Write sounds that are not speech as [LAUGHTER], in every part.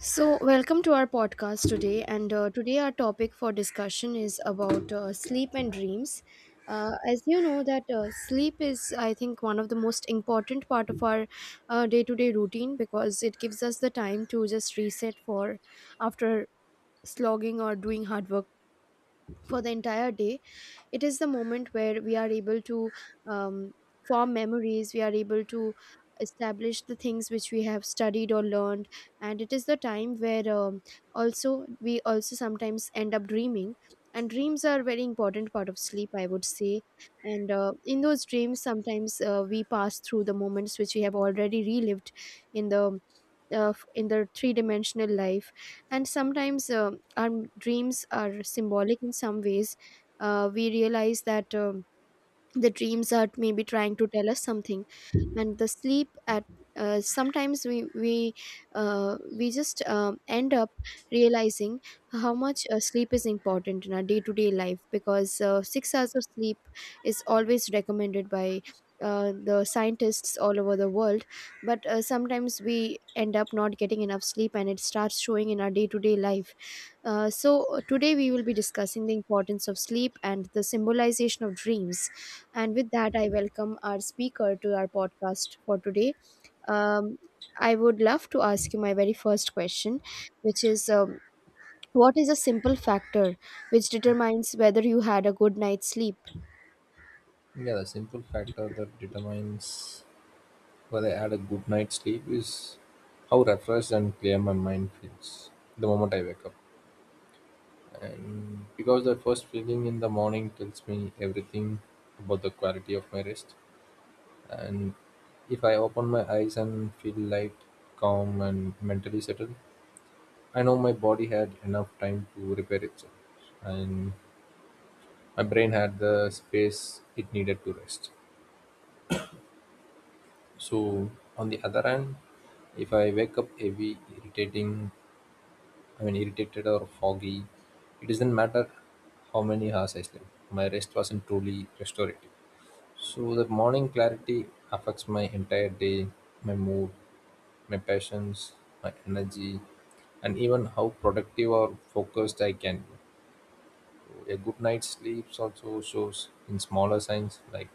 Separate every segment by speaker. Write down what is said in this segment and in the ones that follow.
Speaker 1: So, welcome to our podcast today. And today, our topic for discussion is about sleep and dreams. As you know, that sleep is, I think, one of the most important part of our day to day routine because it gives us the time to just reset for after slogging or doing hard work for the entire day, it is the moment where we are able to um, form memories, we are able to establish the things which we have studied or learned, and it is the time where also we also sometimes end up dreaming, and dreams are a very important part of sleep, I would say. And uh, in those dreams sometimes we pass through the moments which we have already relived in the of in the three-dimensional life. And sometimes our dreams are symbolic in some ways. We realize that the dreams are maybe trying to tell us something. And the sleep at sometimes we just end up realizing how much sleep is important in our day to day life, because 6 hours of sleep is always recommended by the scientists all over the world. But sometimes we end up not getting enough sleep, and it starts showing in our day to day life. So today we will be discussing the importance of sleep and the symbolization of dreams. And with that, I welcome our speaker to our podcast for today. Um, I would love to ask you my very first question, which is, what is a simple factor which determines whether you had a good night's sleep?
Speaker 2: Yeah, the simple factor that determines whether I had a good night's sleep is how refreshed and clear my mind feels the moment I wake up. And because the first feeling in the morning tells me everything about the quality of my rest. And if I open my eyes and feel light, calm, and mentally settled, I know my body had enough time to repair itself. And my brain had the space it needed to rest. So on the other hand, if I wake up heavy, irritating, I mean irritated or foggy, it doesn't matter how many hours I slept. My rest wasn't truly restorative. So the morning clarity affects my entire day, my mood, my passions, my energy, and even how productive or focused I can be. So a good night's sleep also shows in smaller signs like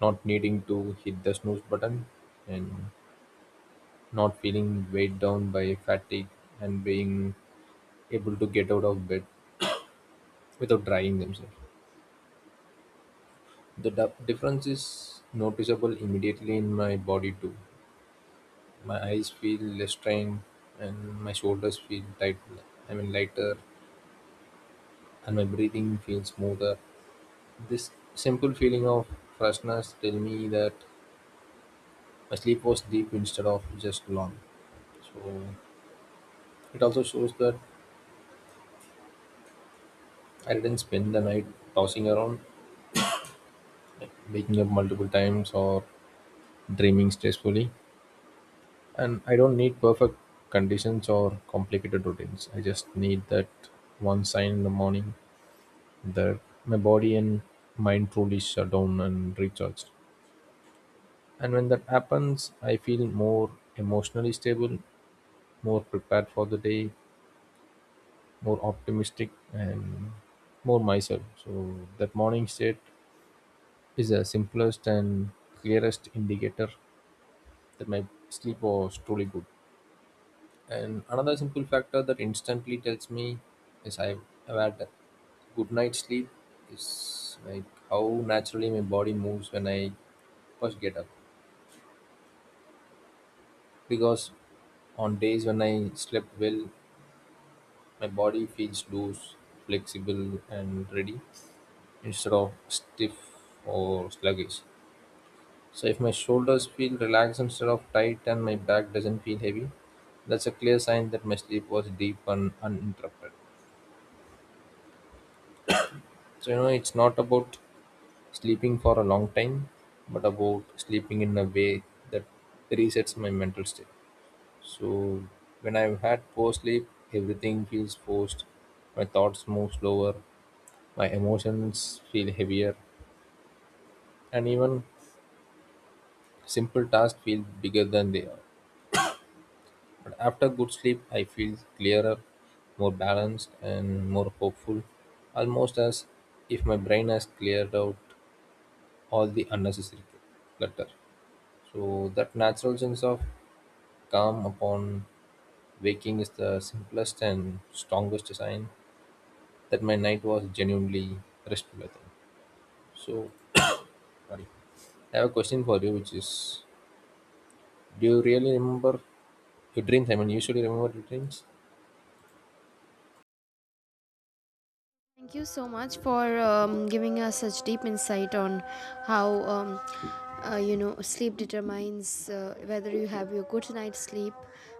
Speaker 2: not needing to hit the snooze button and not feeling weighed down by fatigue and being able to get out of bed without drying themselves. The difference is noticeable immediately in my body too. My eyes feel less strained and my shoulders feel tight. I mean lighter, and my breathing feels smoother. This simple feeling of freshness tell me that my sleep was deep instead of just long. So it also shows that I didn't spend the night tossing around, waking up multiple times, or dreaming stressfully. And I don't need perfect conditions or complicated routines. I just need that one sign in the morning that my body and mind truly shut down and recharged. And when that happens, I feel more emotionally stable, more prepared for the day, more optimistic, and more myself. So that morning state is the simplest and clearest indicator that my sleep was truly good. And another simple factor that instantly tells me is I've had a good night's sleep is like how naturally my body moves when I first get up. Because on days when I slept well, my body feels loose, flexible, and ready instead of stiff or sluggish. So if my shoulders feel relaxed instead of tight and my back doesn't feel heavy, that's a clear sign that my sleep was deep and uninterrupted. So it's not about sleeping for a long time, but about sleeping in a way that resets my mental state. So when I've had poor sleep, everything feels forced. My thoughts move slower, my emotions feel heavier, and even simple tasks feel bigger than they are. But after good sleep, I feel clearer, more balanced, and more hopeful, almost as if my brain has cleared out all the unnecessary clutter. So that natural sense of calm upon waking is the simplest and strongest sign that my night was genuinely restful, I think. So, [CLEARS THROAT] sorry. I have a question for you, which is, do you really remember your dreams? I mean, you usually remember your dreams?
Speaker 1: Thank you so much for giving us such deep insight on how, you know, sleep determines whether you have your good night's sleep.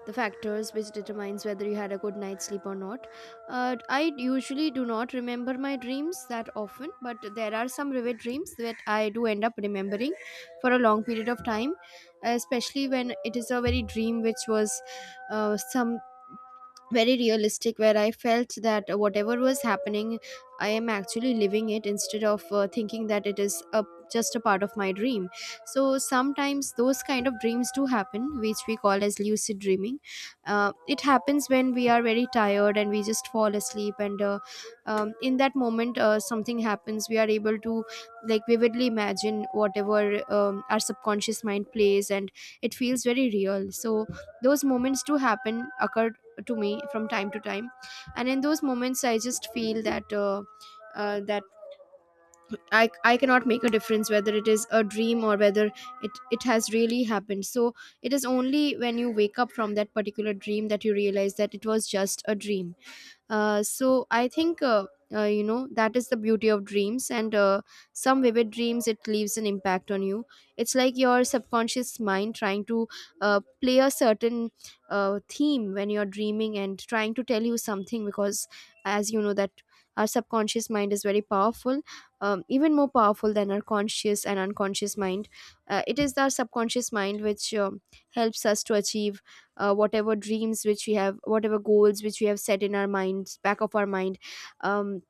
Speaker 1: The factors which determines whether you had a good night's sleep or not. I usually do not remember my dreams that often, but there are some vivid dreams that I do end up remembering for a long period of time, especially when it is a very dream which was some very realistic, where I felt that whatever was happening, I am actually living it, instead of thinking that it is a just a part of my dream. So sometimes those kind of dreams do happen, which we call as lucid dreaming. It happens when we are very tired and we just fall asleep, and in that moment something happens. We are able to like vividly imagine whatever our subconscious mind plays, and it feels very real. So those moments do happen occur to me from time to time, and in those moments I just feel that that I cannot make a difference whether it is a dream or whether it has really happened. So it is only when you wake up from that particular dream that you realize that it was just a dream. So I think, you know, that is the beauty of dreams, and some vivid dreams, it leaves an impact on you. It's like your subconscious mind trying to play a certain theme when you're dreaming, and trying to tell you something because, as you know, that our subconscious mind is very powerful, even more powerful than our conscious and unconscious mind. It is our subconscious mind which helps us to achieve whatever dreams which we have, whatever goals which we have set in our minds, back of our mind. um,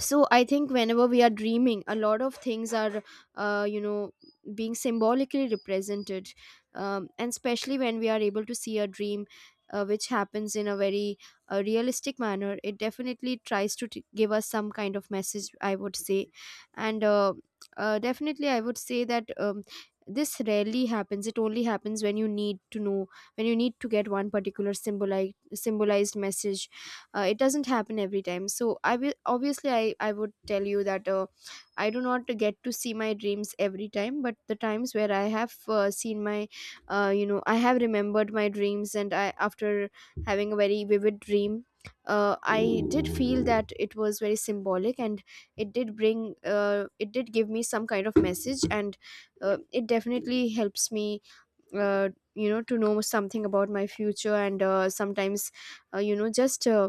Speaker 1: so I think whenever we are dreaming, a lot of things are, you know, being symbolically represented, and especially when we are able to see a dream which happens in a very realistic manner, it definitely tries to give us some kind of message, I would say. And definitely I would say that, this rarely happens. It only happens when you need to know, when you need to get one particular symbolized message. It doesn't happen every time. So I will obviously, I would tell you that I do not get to see my dreams every time, but the times where I have seen my, you know, I have remembered my dreams, and I, after having a very vivid dream, I did feel that it was very symbolic, and it did bring, it did give me some kind of message, and it definitely helps me, you know, to know something about my future. And sometimes, you know, just,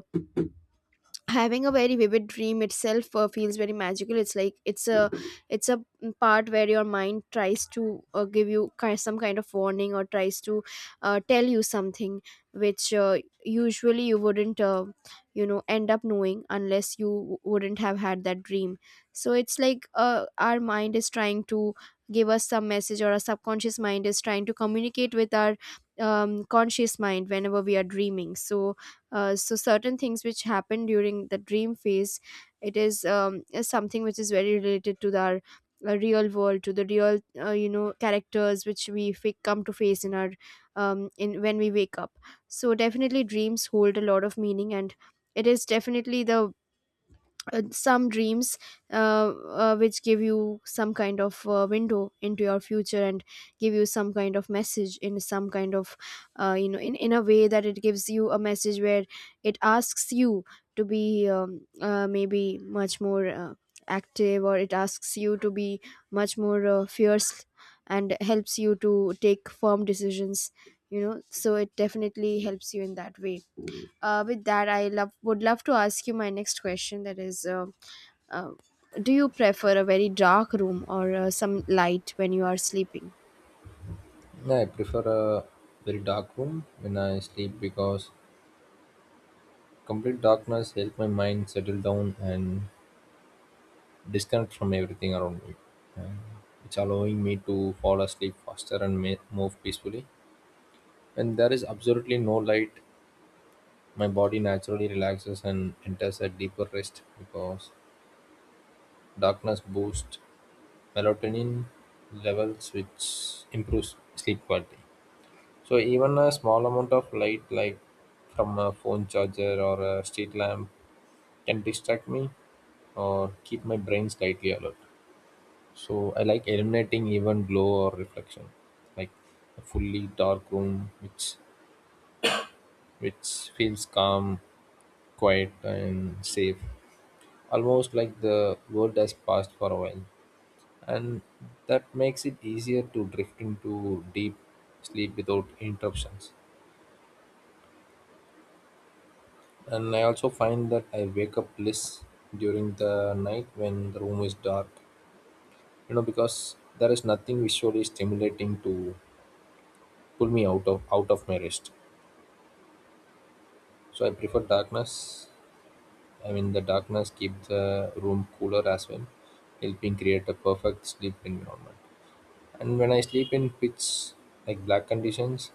Speaker 1: having a very vivid dream itself feels very magical. It's like it's a, it's a part where your mind tries to give you kind some kind of warning, or tries to tell you something which, usually you wouldn't, you know, end up knowing unless you wouldn't have had that dream. So it's like our mind is trying to give us some message, or our subconscious mind is trying to communicate with our conscious mind whenever we are dreaming. So certain things which happen during the dream phase, it is, is something which is very related to our real world, to the real, you know, characters which we come to face in our, in when we wake up. So definitely dreams hold a lot of meaning, and it is definitely the, some dreams, uh, which give you some kind of window into your future, and give you some kind of message, in some kind of, you know, in a way that it gives you a message where it asks you to be, maybe much more active, or it asks you to be much more fierce, and helps you to take firm decisions, you know. So it definitely helps you in that way. With that, I love would love to ask you my next question, that is, um, do you prefer a very dark room, or some light when you are sleeping?
Speaker 2: Yeah, I prefer a very dark room when I sleep because complete darkness helps my mind settle down and disconnect from everything around me. And it's allowing me to fall asleep faster and move peacefully. When there is absolutely no light, my body naturally relaxes and enters a deeper rest because darkness boosts melatonin levels, which improves sleep quality. So, even a small amount of light, like from a phone charger or a street lamp, can distract me or keep my brain slightly alert. So, I like eliminating even glow or reflection, like a fully dark room, which feels calm, quiet, and safe. Almost like the world has passed for a while, and that makes it easier to drift into deep sleep without interruptions. And I also find that I wake up less during the night when the room is dark, because there is nothing visually stimulating to pull me out of my rest. So I prefer darkness. I mean, the darkness keeps the room cooler as well, helping create a perfect sleep environment. And when I sleep in pitch like black conditions,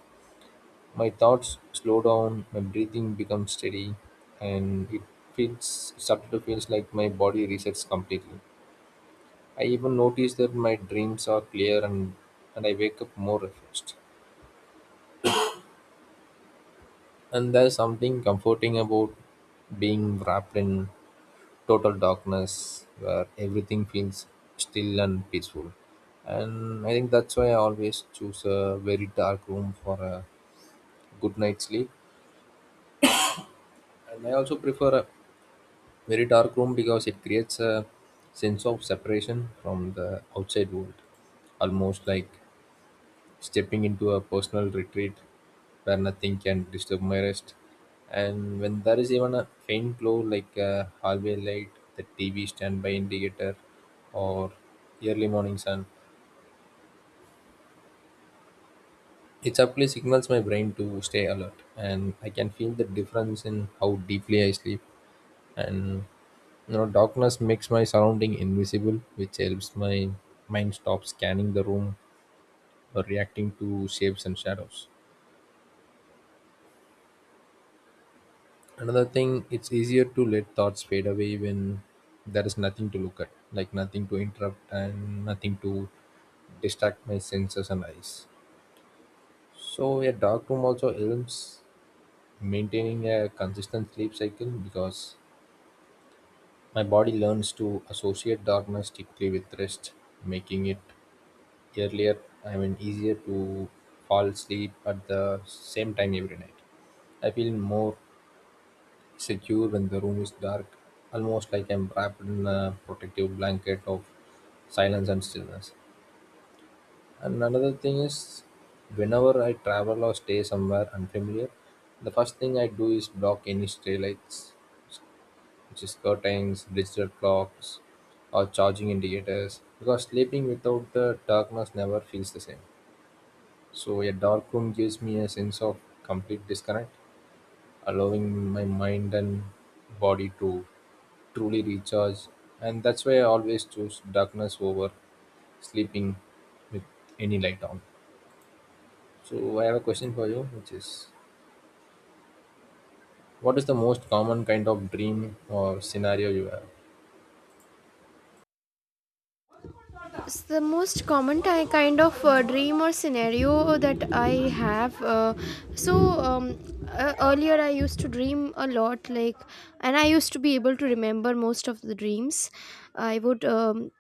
Speaker 2: my thoughts slow down, my breathing becomes steady, and it feels started to feels like my body resets completely. I even notice that my dreams are clear, and I wake up more refreshed. And there's something comforting about being wrapped in total darkness where everything feels still and peaceful. And I think that's why I always choose a very dark room for a good night's sleep. And I also prefer a very dark room because it creates a sense of separation from the outside world, almost like stepping into a personal retreat where nothing can disturb my rest. And when there is even a faint glow like a hallway light, the TV standby indicator, or early morning sun, it subtly signals my brain to stay alert, and I can feel the difference in how deeply I sleep. And darkness makes my surrounding invisible, which helps my mind stop scanning the room or reacting to shapes and shadows. Another thing, it's easier to let thoughts fade away when there is nothing to look at, like nothing to interrupt and nothing to distract my senses and eyes. So a dark room also helps maintaining a consistent sleep cycle because my body learns to associate darkness typically with rest, making it earlier I mean easier to fall asleep at the same time every night. I feel more secure when the room is dark, almost like I'm wrapped in a protective blanket of silence and stillness. And another thing is, whenever I travel or stay somewhere unfamiliar, the first thing I do is block any stray lights, which is curtains, digital clocks, or charging indicators, because sleeping without the darkness never feels the same. So a dark room gives me a sense of complete disconnect, allowing my mind and body to truly recharge. And that's why I always choose darkness over sleeping with any light on. So I have a question for you, which is, what is the most common kind of dream or scenario you have?
Speaker 1: It's the most common kind of dream or scenario that I have. So um, earlier I used to dream a lot, like, and I used to be able to remember most of the dreams. I would,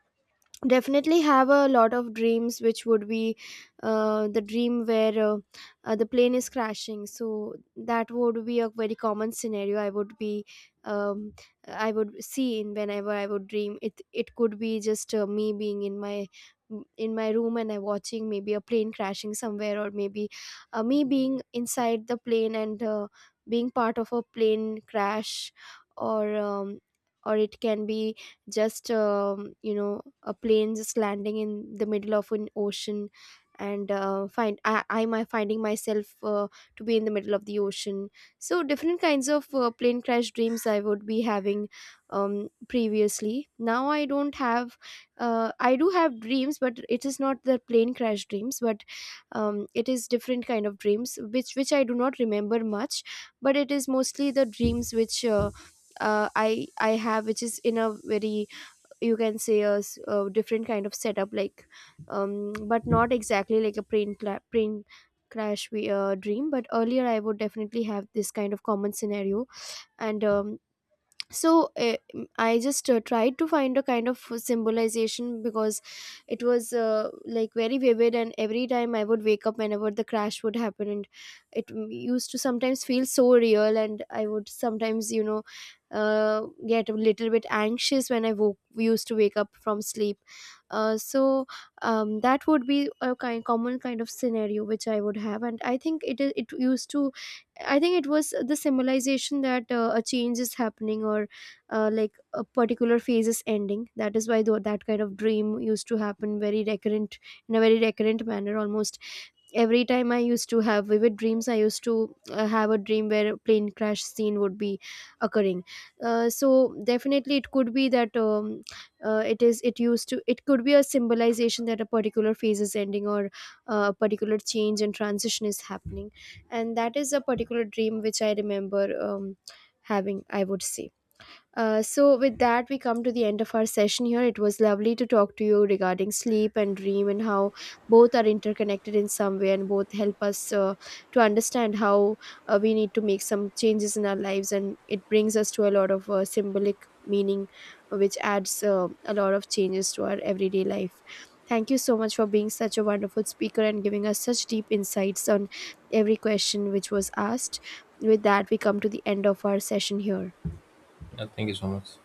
Speaker 1: definitely have a lot of dreams which would be, the dream where, the plane is crashing. So that would be a very common scenario. I would be um, i would see in whenever I would dream it. It could be just, me being in my, in my room and I watching maybe a plane crashing somewhere, or maybe me being inside the plane and being part of a plane crash, or um, or it can be just, you know, a plane just landing in the middle of an ocean, and find I'm finding myself to be in the middle of the ocean. So different kinds of plane crash dreams I would be having, previously. Now I don't have. I do have dreams, but it is not the plane crash dreams, but it is different kind of dreams which I do not remember much, but it is mostly the dreams which, I have, which is in a very, you can say a, a different kind of setup, like, but not exactly like a print print crash we dream. But earlier, I would definitely have this kind of common scenario. And um, so uh, i just tried to find a kind of symbolization, because it was like very vivid, and every time I would wake up whenever the crash would happen, and it used to sometimes feel so real, and I would sometimes, you know, get a little bit anxious when I woke, used to wake up from sleep. Uh, so um, that would be a kind common kind of scenario which I would have. And I think it is, it used to, I think it was the symbolization that a change is happening, or like a particular phase is ending. That is why though that kind of dream used to happen very recurrent, in a very recurrent manner. Almost every time I used to have vivid dreams, I used to have a dream where a plane crash scene would be occurring. So definitely, it could be that, it is, it used to, it could be a symbolization that a particular phase is ending, or a particular change and transition is happening, and that is a particular dream which I remember, having, I would say. With that, we come to the end of our session here. It was lovely to talk to you regarding sleep and dream, and how both are interconnected in some way, and both help us to understand how we need to make some changes in our lives. And it brings us to a lot of symbolic meaning, which adds a lot of changes to our everyday life. Thank you so much for being such a wonderful speaker and giving us such deep insights on every question which was asked. With that, we come to the end of our session here.
Speaker 2: Yeah, thank you so much.